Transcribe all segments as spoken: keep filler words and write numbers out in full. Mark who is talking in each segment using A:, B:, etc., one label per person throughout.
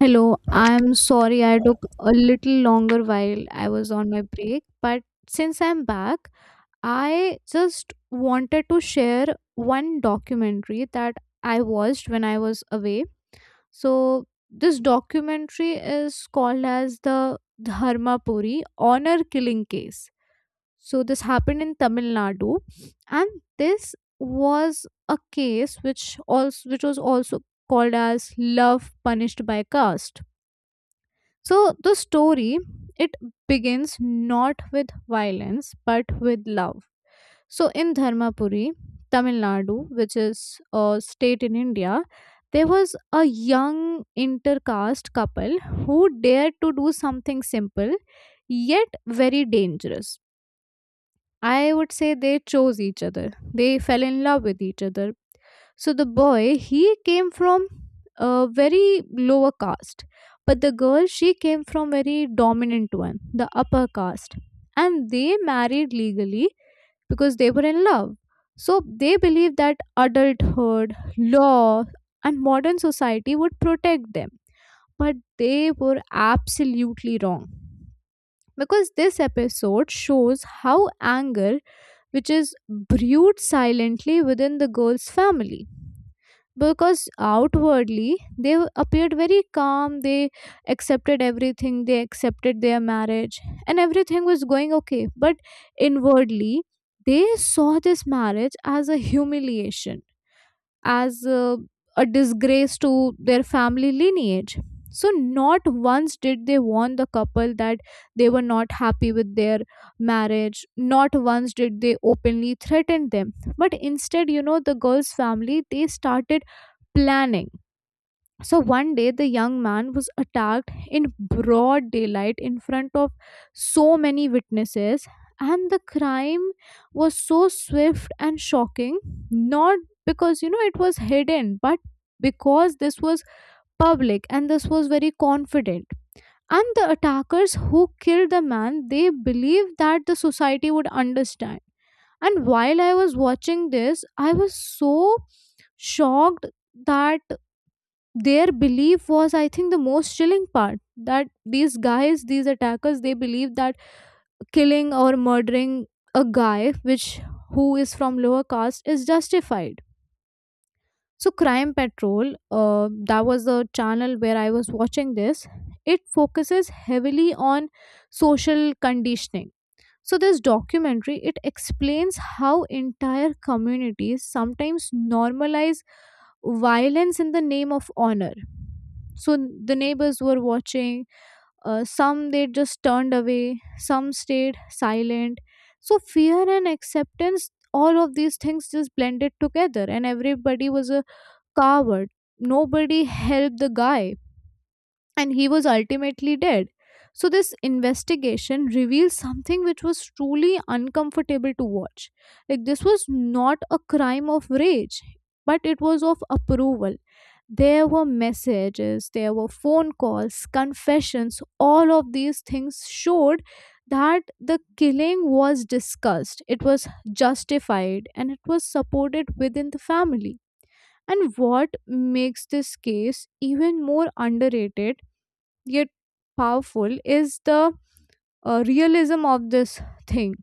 A: Hello, I'm sorry I took a little longer while I was on my break, but since I'm back, I just wanted to share one documentary that I watched when I was away. So, this documentary is called as the Dharmapuri Honor Killing Case. So, this happened in Tamil Nadu, and this was a case which also which was also called as love punished by caste. So the story, it begins not with violence but with love. So in Dharmapuri, Tamil Nadu, which is a state in India, there was a young intercaste couple who dared to do something simple yet very dangerous. I would say they chose each other. They fell in love with each other. So the boy, he came from a very lower caste, but the girl, she came from very dominant one, the upper caste. And they married legally because they were in love. So they believed that adulthood, law, and modern society would protect them. But they were absolutely wrong. Because this episode shows how anger, which is brewed silently within the girl's family, because outwardly they appeared very calm, they accepted everything, they accepted their marriage, and everything was going okay, but inwardly they saw this marriage as a humiliation, as a, a disgrace to their family lineage. So not once did they warn the couple that they were not happy with their marriage, not once did they openly threaten them, but instead, you know, the girl's family, they started planning. So one day, the young man was attacked in broad daylight in front of so many witnesses, and the crime was so swift and shocking, not because, you know, it was hidden, but because this was public and this was very confident. And the attackers who killed the man, they believed that the society would understand. And while I was watching this, I was so shocked that their belief was, I think, the most chilling part, that these guys, these attackers, they believe that killing or murdering a guy which who is from lower caste is justified. So crime patrol, uh, that was the channel where I was watching this. It focuses heavily on social conditioning. So this documentary, it explains how entire communities sometimes normalize violence in the name of honor. So the neighbors were watching, uh, some they just turned away, some stayed silent. So fear and acceptance, all of these things just blended together and everybody was a coward. Nobody helped the guy and he was ultimately dead. So, this investigation reveals something which was truly uncomfortable to watch. Like, this was not a crime of rage, but it was of approval. There were messages, there were phone calls, confessions, all of these things showed that the killing was discussed, it was justified, and it was supported within the family. And what makes this case even more underrated yet powerful is the uh, realism of this thing,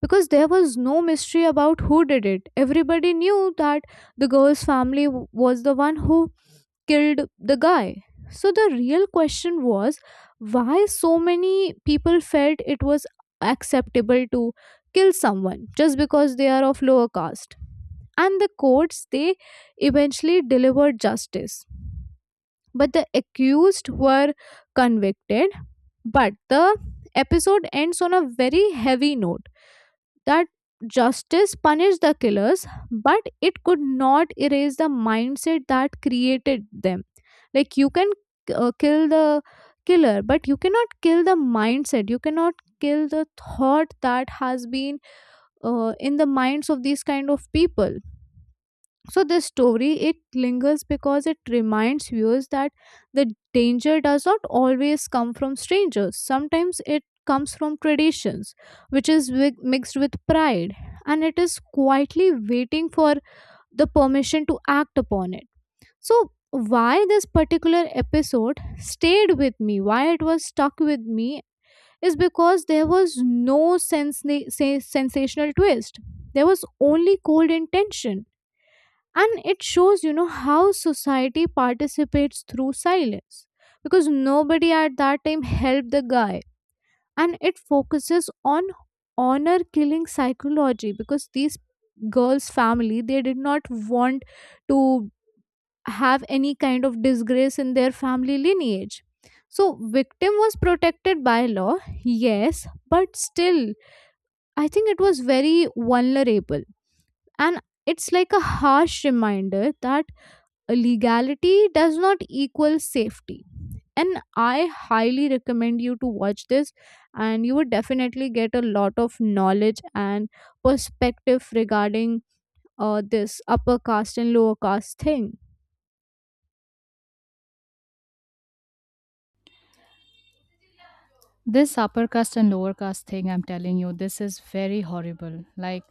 A: because there was no mystery about who did it. Everybody knew that the girl's family w- was the one who killed the guy. So the real question was why so many people felt it was acceptable to kill someone just because they are of lower caste. And the courts, they eventually delivered justice, but the accused were convicted. But the episode ends on a very heavy note, that justice punished the killers, but it could not erase the mindset that created them. Like, you can uh, kill the killer, but you cannot kill the mindset. You cannot kill the thought that has been uh, in the minds of these kind of people. So this story, it lingers because it reminds viewers that the danger does not always come from strangers, sometimes it comes from traditions which is wi- mixed with pride, and it is quietly waiting for the permission to act upon it. So why this particular episode stayed with me, why it was stuck with me, is because there was no sense- sensational twist. There was only cold intention. And it shows, you know, how society participates through silence, because nobody at that time helped the guy. And it focuses on honor killing psychology because these girls family, they did not want to have any kind of disgrace in their family lineage. So victim was protected by law, yes, but still I think it was very vulnerable. And it's like a harsh reminder that legality does not equal safety. And I highly recommend you to watch this and you would definitely get a lot of knowledge and perspective regarding uh, this upper caste and lower caste thing.
B: This upper caste and lower caste thing, I'm telling you, this is very horrible. Like,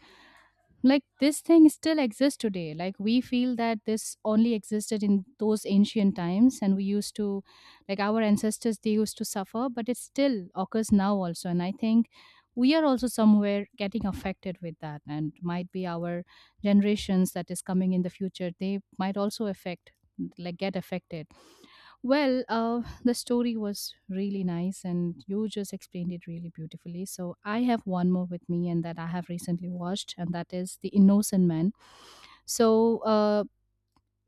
B: like this thing still exists today. Like, we feel that this only existed in those ancient times, and we used to, like, our ancestors, they used to suffer, but it still occurs now also. And I think we are also somewhere getting affected with that, and might be our generations that is coming in the future. They might also affect, like, get affected. Well, uh, the story was really nice, and you just explained it really beautifully. So, I have one more with me, and that I have recently watched, and that is The Innocent Man. So, uh,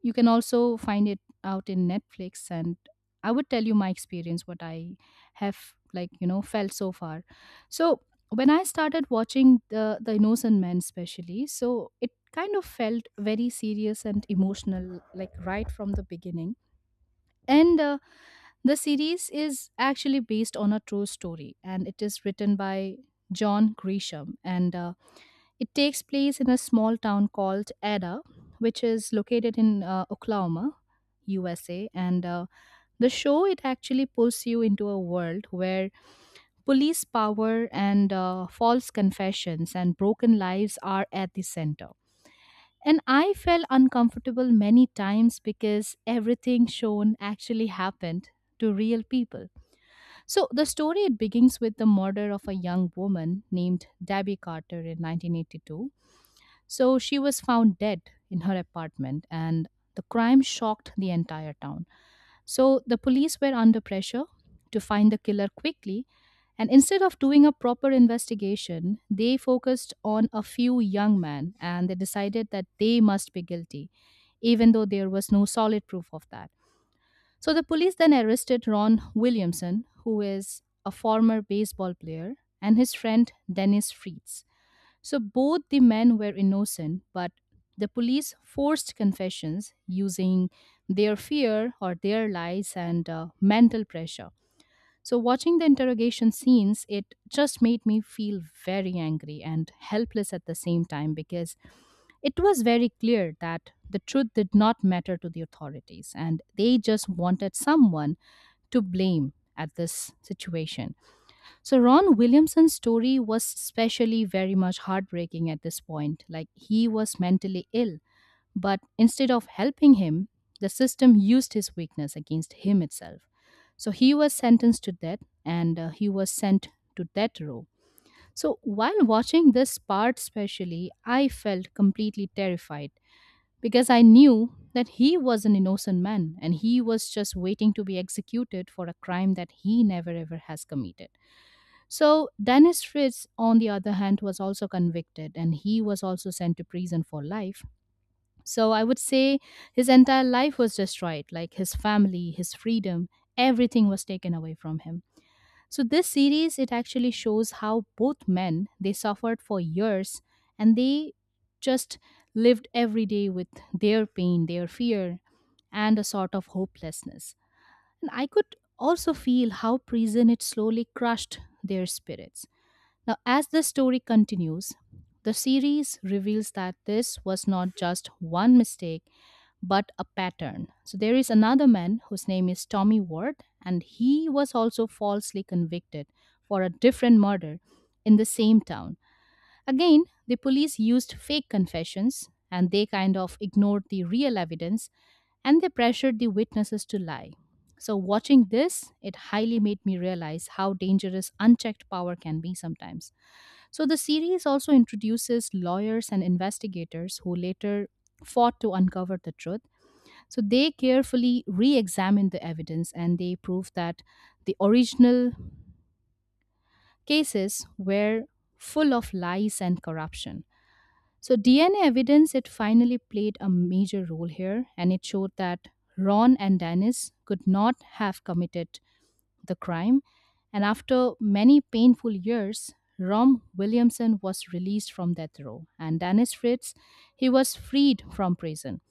B: you can also find it out in Netflix, and I would tell you my experience, what I have, like you know felt so far. So, when I started watching the The Innocent Man, especially, so it kind of felt very serious and emotional, like right from the beginning, and. Uh, the series is actually based on a true story and it is written by John Grisham, and uh, it takes place in a small town called Ada, which is located in uh, Oklahoma, U S A. And uh, the show, it actually pulls you into a world where police power and uh, false confessions and broken lives are at the center. And I felt uncomfortable many times because everything shown actually happened to real people. So the story, it begins with the murder of a young woman named Debbie Carter in nineteen eighty-two. So she was found dead in her apartment and the crime shocked the entire town. So the police were under pressure to find the killer quickly, and instead of doing a proper investigation, they focused on a few young men and they decided that they must be guilty, even though there was no solid proof of that. So the police then arrested Ron Williamson, who is a former baseball player, and his friend Dennis Fritz. So both the men were innocent, but the police forced confessions using their fear or their lies and uh, mental pressure. So watching the interrogation scenes, it just made me feel very angry and helpless at the same time, because it was very clear that the truth did not matter to the authorities and they just wanted someone to blame at this situation. So, Ron Williamson's story was especially very much heartbreaking at this point. Like, he was mentally ill, but instead of helping him, the system used his weakness against him itself. So, he was sentenced to death and uh, he was sent to death row. So, while watching this part, especially, I felt completely terrified because I knew that he was an innocent man and he was just waiting to be executed for a crime that he never ever has committed. So, Dennis Fritz, on the other hand, was also convicted and he was also sent to prison for life. So, I would say his entire life was destroyed, like his family, his freedom, everything was taken away from him. So this series, it actually shows how both men, they suffered for years and they just lived every day with their pain, their fear and a sort of hopelessness. And I could also feel how prison, it slowly crushed their spirits. Now as the story continues, the series reveals that this was not just one mistake but a pattern. So there is another man whose name is Tommy Ward, and he was also falsely convicted for a different murder in the same town. Again, the police used fake confessions and they kind of ignored the real evidence and they pressured the witnesses to lie. So, watching this, it highly made me realize how dangerous unchecked power can be sometimes. So, the series also introduces lawyers and investigators who later fought to uncover the truth, so they carefully re examined the evidence and they proved that the original cases were full of lies and corruption. So D N A evidence, it finally played a major role here and it showed that Ron and Dennis could not have committed the crime, and after many painful years Rom Williamson was released from death row and Dennis Fritz, he was freed from prison.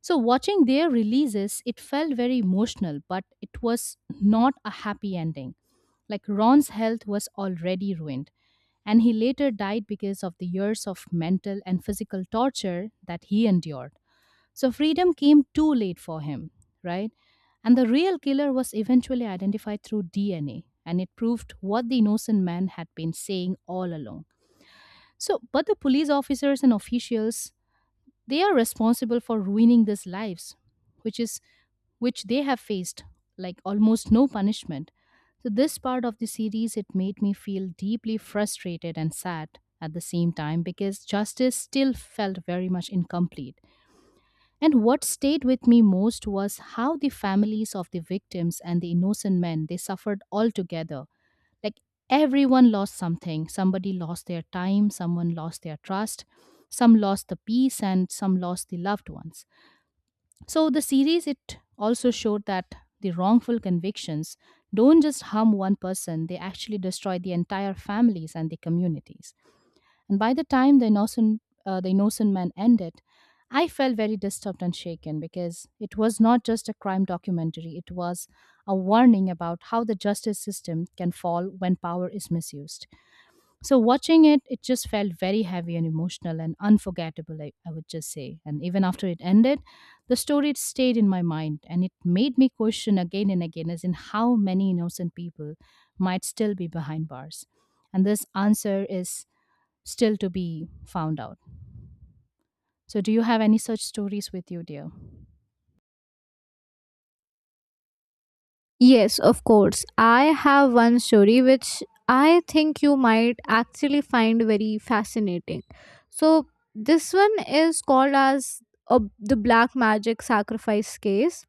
B: So watching their releases, it felt very emotional, but it was not a happy ending. Like, Ron's health was already ruined, and he later died because of the years of mental and physical torture that he endured. So freedom came too late for him, right? And the real killer was eventually identified through D N A, and it proved what the innocent man had been saying all along. So, but the police officers and officials, they are responsible for ruining these lives, which is, which they have faced like almost no punishment. So this part of the series, it made me feel deeply frustrated and sad at the same time, because justice still felt very much incomplete. And what stayed with me most was how the families of the victims and the innocent men, they suffered all together. Like, everyone lost something. Somebody lost their time, someone lost their trust, some lost the peace, and some lost the loved ones. So the series, it also showed that the wrongful convictions don't just harm one person, they actually destroy the entire families and the communities. And by the time the innocent, uh, the innocent man ended, I felt very disturbed and shaken, because it was not just a crime documentary, it was a warning about how the justice system can fall when power is misused. So, watching it, it just felt very heavy and emotional and unforgettable, I, I would just say. And even after it ended, the story stayed in my mind and it made me question again and again as in how many innocent people might still be behind bars. And this answer is still to be found out. So, do you have any such stories with you, dear?
A: Yes, of course, I have one story which I think you might actually find very fascinating. So this one is called as uh, the black magic sacrifice case.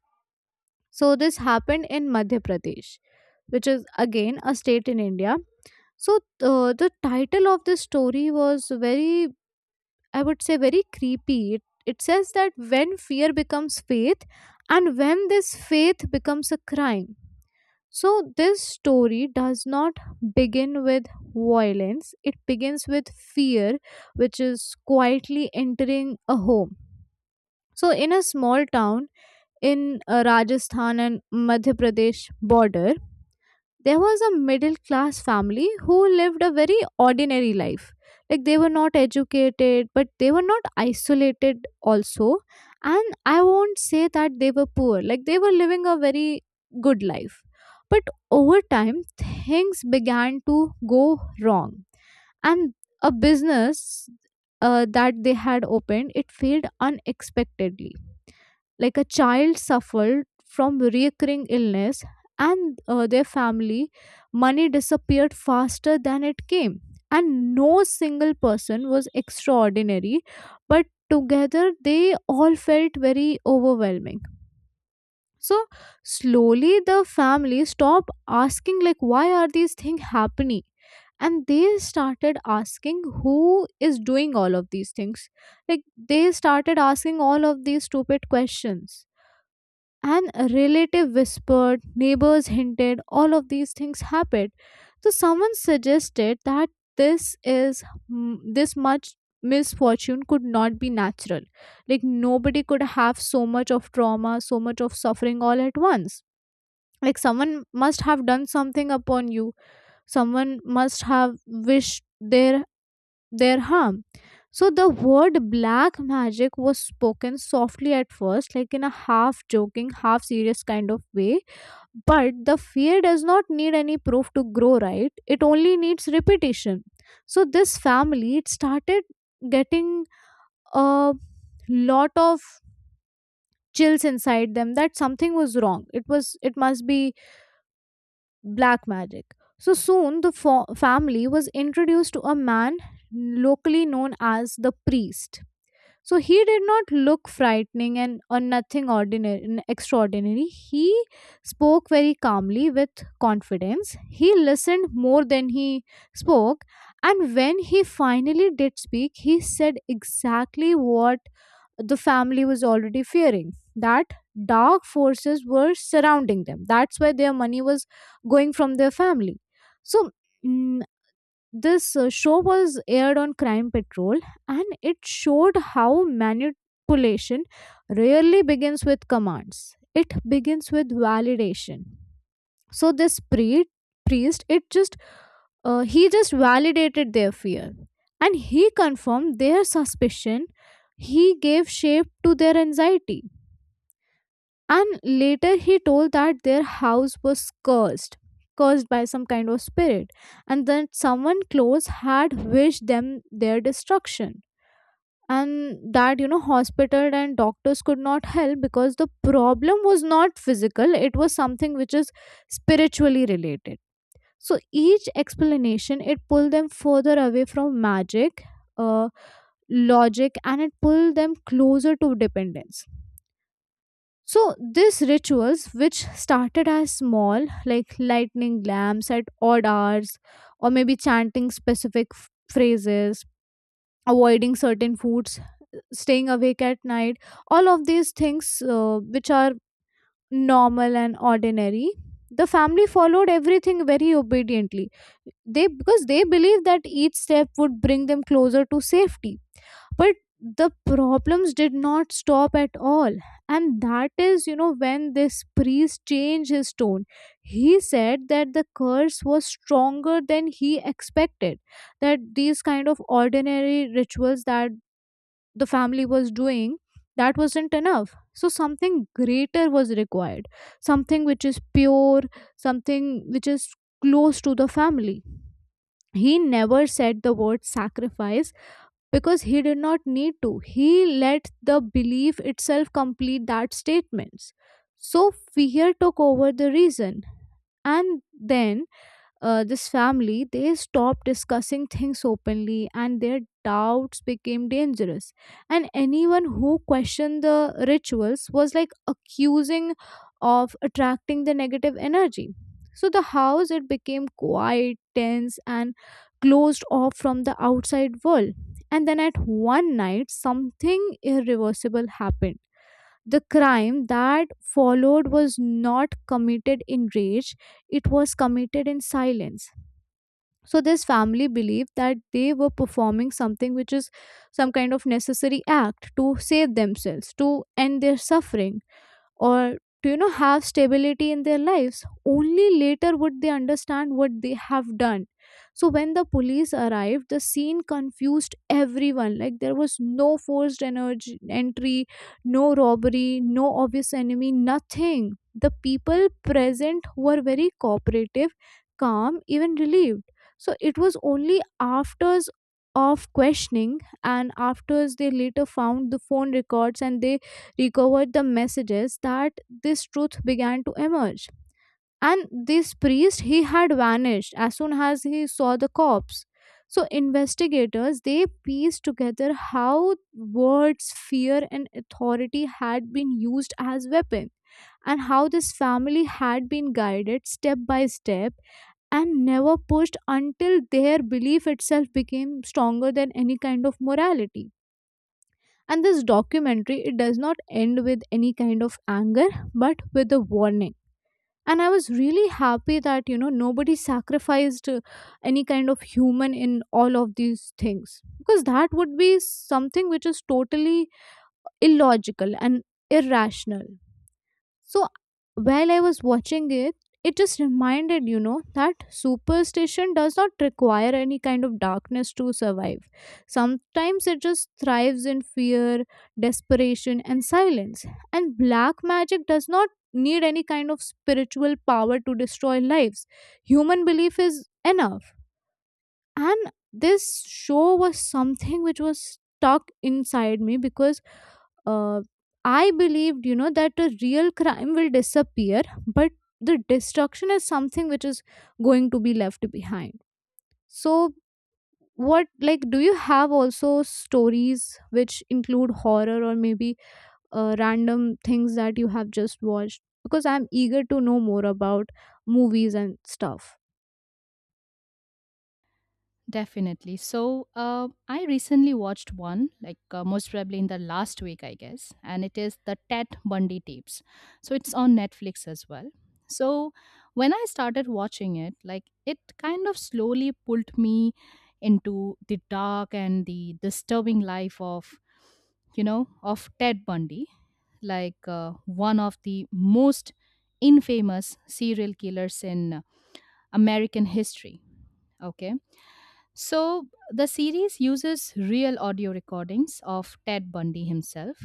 A: So this happened in Madhya Pradesh, which is again a state in India. So uh, the title of this story was very, I would say, very creepy. It, it says that when fear becomes faith, and when this faith becomes a crime. So this story does not begin with violence. It begins with fear, which is quietly entering a home. So, in a small town in uh, Rajasthan and Madhya Pradesh border, there was a middle class family who lived a very ordinary life. Like they were not educated, but they were not isolated also. And I won't say that they were poor, like they were living a very good life. But over time, things began to go wrong. And a business uh, that they had opened, it failed unexpectedly. Like a child suffered from recurring illness, and uh, their family money disappeared faster than it came. And no single person was extraordinary, but together they all felt very overwhelming. So slowly the family stopped asking, like, why are these things happening, and they started asking who is doing all of these things. Like, they started asking all of these stupid questions. And a relative whispered, neighbors hinted, all of these things happened. So someone suggested that this is, mm, this much misfortune could not be natural. Like nobody could have so much of trauma, so much of suffering all at once. Like someone must have done something upon you. Someone must have wished their their harm. So the word black magic was spoken softly at first, like in a half joking, half serious kind of way. But the fear does not need any proof to grow, right? It only needs repetition. So this family, it started getting a lot of chills inside them that something was wrong. It was, it must be black magic. So soon the fo- family was introduced to a man locally known as the priest. So he did not look frightening and or nothing ordinary, n- extraordinary. He spoke very calmly with confidence. He listened more than he spoke, and when he finally did speak, he said exactly what the family was already fearing: that dark forces were surrounding them. That's why their money was going from their family. So, this uh, show was aired on Crime Patrol, and it showed how manipulation rarely begins with commands, it begins with validation. So, this pre- priest, it just uh, he just validated their fear and he confirmed their suspicion. He gave shape to their anxiety, and later he told that their house was cursed, cursed by some kind of spirit, and that someone close had wished them their destruction. And that, you know, hospital and doctors could not help because the problem was not physical, it was something which is spiritually related. So each explanation, it pulled them further away from magic, uh, logic, and it pulled them closer to dependence. So these rituals, which started as small, like lighting lamps at odd hours, or maybe chanting specific f- phrases, avoiding certain foods, staying awake at night, all of these things uh, which are normal and ordinary, the family followed everything very obediently. They, because they believed that each step would bring them closer to safety. But the problems did not stop at all, and that is, you know, when this priest changed his tone. He said that the curse was stronger than he expected, that these kind of ordinary rituals that the family was doing, that wasn't enough, so something greater was required, something which is pure, something which is close to the family. He never said the word sacrifice because he did not need to. He let the belief itself complete that statements. So fear took over the reason. And then uh, this family, they stopped discussing things openly and their doubts became dangerous, and anyone who questioned the rituals was like accusing of attracting the negative energy. So the house, it became quiet, tense, and closed off from the outside world. And then at one night, something irreversible happened. The crime that followed was not committed in rage, it was committed in silence. So this family believed that they were performing something which is some kind of necessary act to save themselves, to end their suffering, or, do you know, have stability in their lives. Only later would they understand what they have done. So when the police arrived, the scene confused everyone. Like, there was no forced energy entry, no robbery, no obvious enemy, nothing. The people present were very cooperative, calm, even relieved. So it was only afters of questioning and afters they later found the phone records, and they recovered the messages that this truth began to emerge. And this priest, he had vanished as soon as he saw the corpse. So investigators, they pieced together how words, fear, and authority had been used as weapon, and how this family had been guided step by step and never pushed until their belief itself became stronger than any kind of morality. And this documentary, it does not end with any kind of anger, but with a warning. And I was really happy that, you know, nobody sacrificed uh, any kind of human in all of these things. Because that would be something which is totally illogical and irrational. So while I was watching it, it just reminded, you know, that superstition does not require any kind of darkness to survive. Sometimes it just thrives in fear, desperation, and silence. And black magic does not need any kind of spiritual power to destroy lives. Human belief is enough. And this show was something which was stuck inside me because uh, I believed, you know, that a real crime will disappear, but the destruction is something which is going to be left behind. So what, like, do you have also stories which include horror or maybe uh, random things that you have just watched, because I'm eager to know more about movies and stuff.
B: Definitely. So, uh, I recently watched one, like, uh, most probably in the last week, I guess, and it is the Ted Bundy tapes. So, it's on Netflix as well. So, when I started watching it, like, it kind of slowly pulled me into the dark and the disturbing life of, you know, of Ted Bundy, like, uh, one of the most infamous serial killers in uh, American history. Okay, so, the series uses real audio recordings of Ted Bundy himself,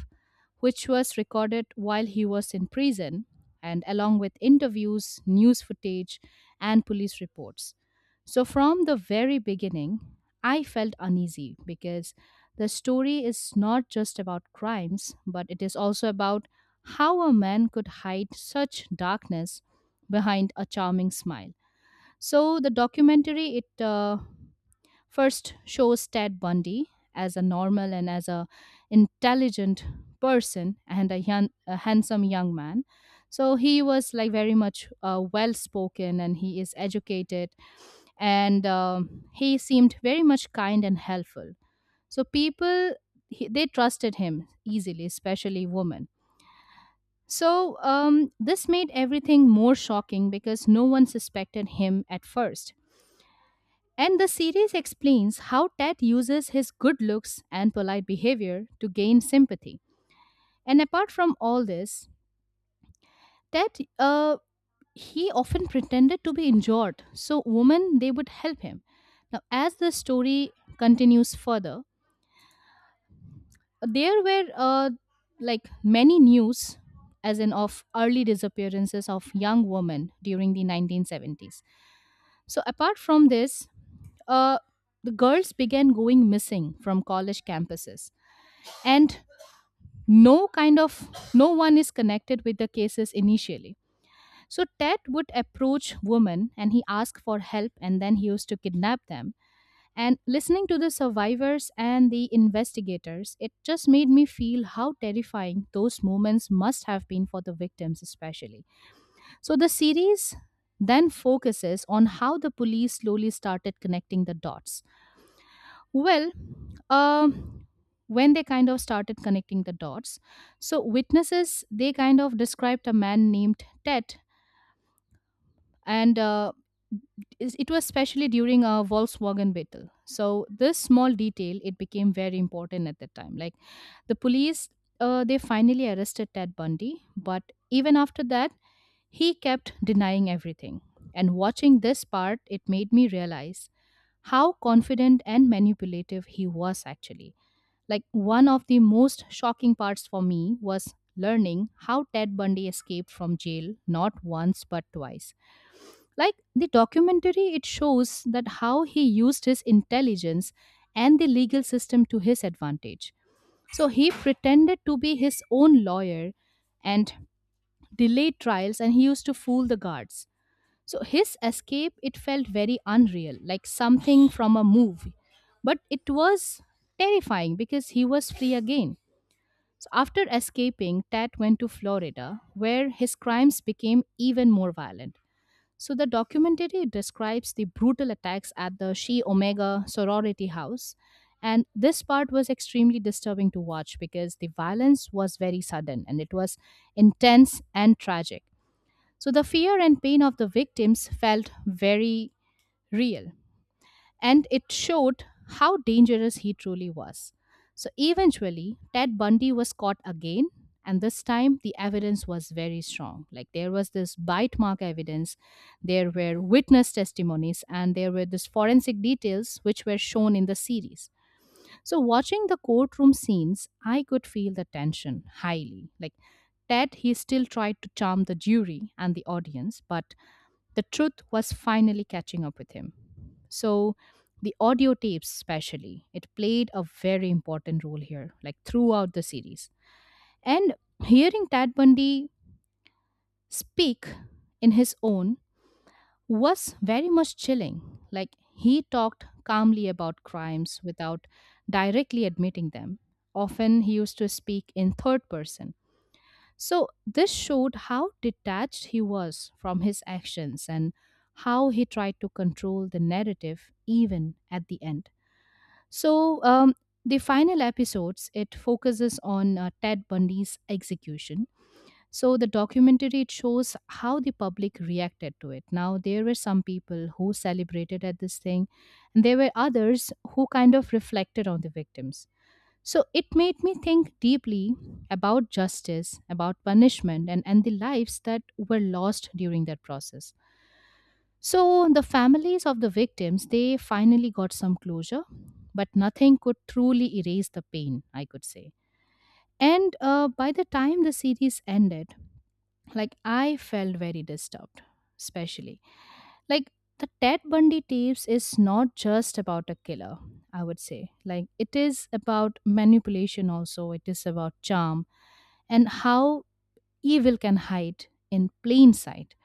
B: which was recorded while he was in prison, and along with interviews, news footage, and police reports. So, from the very beginning, I felt uneasy because the story is not just about crimes, but it is also about how a man could hide such darkness behind a charming smile. So the documentary it uh, first shows Ted Bundy as a normal and as a intelligent person and a young, a handsome young man. So he was like very much uh, well spoken and he is educated, and um, he seemed very much kind and helpful. So people he, they trusted him easily, especially women. So um, this made everything more shocking because no one suspected him at first. And the series explains how Ted uses his good looks and polite behavior to gain sympathy. And apart from all this, Ted, uh, he often pretended to be injured so women they would help him. Now, as the story continues further, there were uh, like many news, as in of early disappearances of young women during the nineteen seventies. So apart from this, uh, the girls began going missing from college campuses, and no kind of, no one is connected with the cases initially. So Ted would approach women and he asked for help and then he used to kidnap them. And listening to the survivors and the investigators, it just made me feel how terrifying those moments must have been for the victims, especially. So the series then focuses on how the police slowly started connecting the dots. Well, um, when they kind of started connecting the dots, so witnesses they kind of described a man named Ted, and uh, is- it was especially during a Volkswagen battle. So this small detail, it became very important at that time. Like, the police, uh, they finally arrested Ted Bundy, but even after that, he kept denying everything. And watching this part, it made me realize how confident and manipulative he was actually. Like, one of the most shocking parts for me was learning how Ted Bundy escaped from jail not once but twice. Like, the documentary, it shows that how he used his intelligence and the legal system to his advantage. So he pretended to be his own lawyer and delayed trials and he used to fool the guards. So his escape, it felt very unreal, like something from a movie. But it was terrifying because he was free again. So after escaping, Tat went to Florida, where his crimes became even more violent. So the documentary describes the brutal attacks at the Chi Omega sorority house. And this part was extremely disturbing to watch because the violence was very sudden and it was intense and tragic. So the fear and pain of the victims felt very real and it showed how dangerous he truly was. So eventually, Ted Bundy was caught again, and this time the evidence was very strong. Like there was this bite mark evidence, there were witness testimonies, and there were this forensic details which were shown in the series. So watching the courtroom scenes, I could feel the tension highly. Like Ted, he still tried to charm the jury and the audience, but the truth was finally catching up with him. So, the audio tapes, especially, it played a very important role here, like throughout the series. And hearing Tad Bundy speak in his own was very much chilling. Like, he talked calmly about crimes without directly admitting them. Often, he used to speak in third person, so this showed how detached he was from his actions and how he tried to control the narrative even at the end. So, um, the final episodes it focuses on uh, Ted Bundy's execution. So the documentary it shows how the public reacted to it. Now there were some people who celebrated at this thing, and there were others who kind of reflected on the victims. So it made me think deeply about justice, about punishment, and, and the lives that were lost during that process. So the families of the victims, they finally got some closure, but nothing could truly erase the pain, I could say. And uh, by the time the series ended, like I felt very disturbed, especially. Like the Ted Bundy tapes is not just about a killer, I would say. Like it is about manipulation also, it is about charm and how evil can hide in plain sight.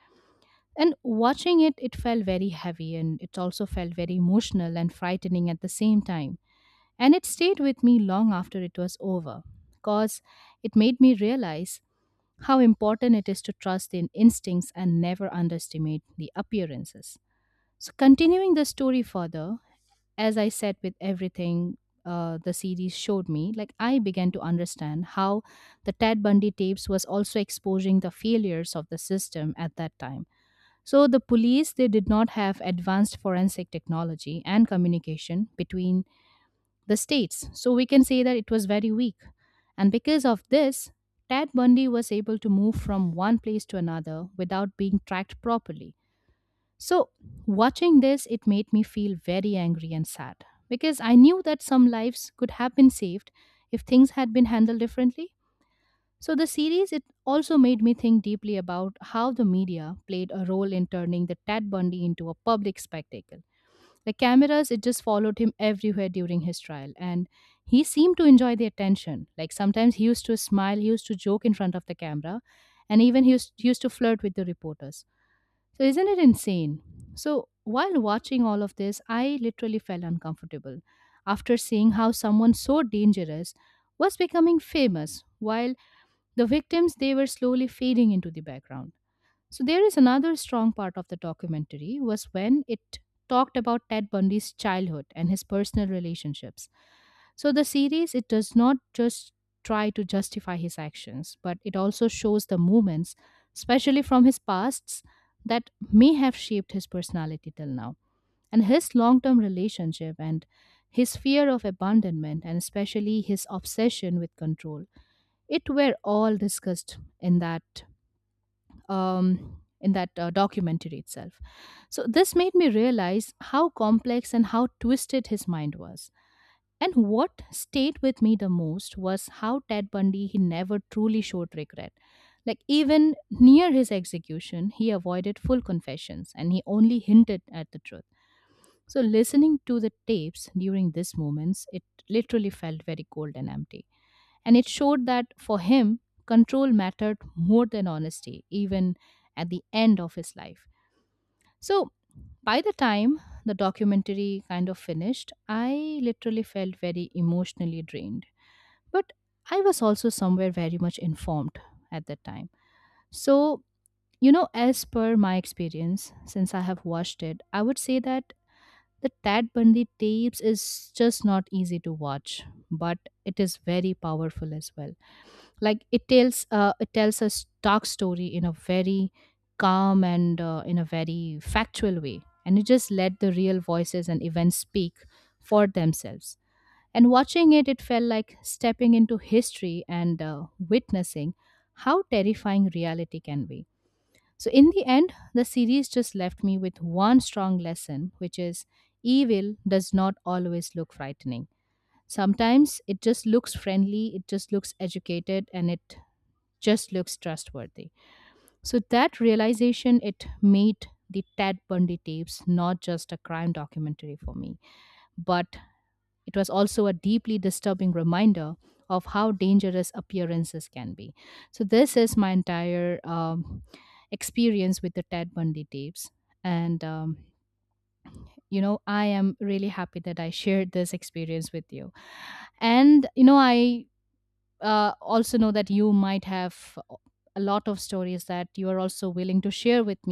B: And watching it, it felt very heavy and it also felt very emotional and frightening at the same time. And it stayed with me long after it was over because it made me realize how important it is to trust in instincts and never underestimate the appearances. So, continuing the story further, as I said with everything uh, the series showed me, like I began to understand how the Ted Bundy tapes was also exposing the failures of the system at that time. So, the police they did not have advanced forensic technology and communication between the states. So, we can say that it was very weak. And because of this, Ted Bundy was able to move from one place to another without being tracked properly. So, watching this, it made me feel very angry and sad because I knew that some lives could have been saved if things had been handled differently. So, the series, it also made me think deeply about how the media played a role in turning the Ted Bundy into a public spectacle. The cameras, it just followed him everywhere during his trial, and he seemed to enjoy the attention. Like sometimes he used to smile, he used to joke in front of the camera, and even he used, he used to flirt with the reporters. So, isn't it insane? So, while watching all of this, I literally felt uncomfortable after seeing how someone so dangerous was becoming famous while the victims they were slowly fading into the background. So there is another strong part of the documentary was when it talked about Ted Bundy's childhood and his personal relationships. So the series it does not just try to justify his actions, but it also shows the moments, especially from his pasts, that may have shaped his personality till now. And his long term relationship and his fear of abandonment and especially his obsession with control. It were all discussed in that um, in that uh, documentary itself. So this made me realize how complex and how twisted his mind was. And what stayed with me the most was how Ted Bundy he never truly showed regret. Like even near his execution, he avoided full confessions and he only hinted at the truth. So listening to the tapes during these moments, it literally felt very cold and empty. And it showed that for him, control mattered more than honesty, even at the end of his life. So by the time the documentary kind of finished, I literally felt very emotionally drained. But I was also somewhere very much informed at that time. So, you know, as per my experience, since I have watched it, I would say that the Tad Bundy tapes is just not easy to watch, but it is very powerful as well. Like it tells uh, it tells a dark story in a very calm and uh, in a very factual way, and it just let the real voices and events speak for themselves. And watching it, it felt like stepping into history and uh, witnessing how terrifying reality can be. So in the end, the series just left me with one strong lesson, which is evil does not always look frightening. Sometimes it just looks friendly, it just looks educated, and it just looks trustworthy. So that realization it made the Ted Bundy tapes not just a crime documentary for me, but it was also a deeply disturbing reminder of how dangerous appearances can be. So this is my entire um, experience with the Ted Bundy tapes, and um, you know I am really happy that I shared this experience with you. And you know I uh, also know that you might have a lot of stories that you are also willing to share with me.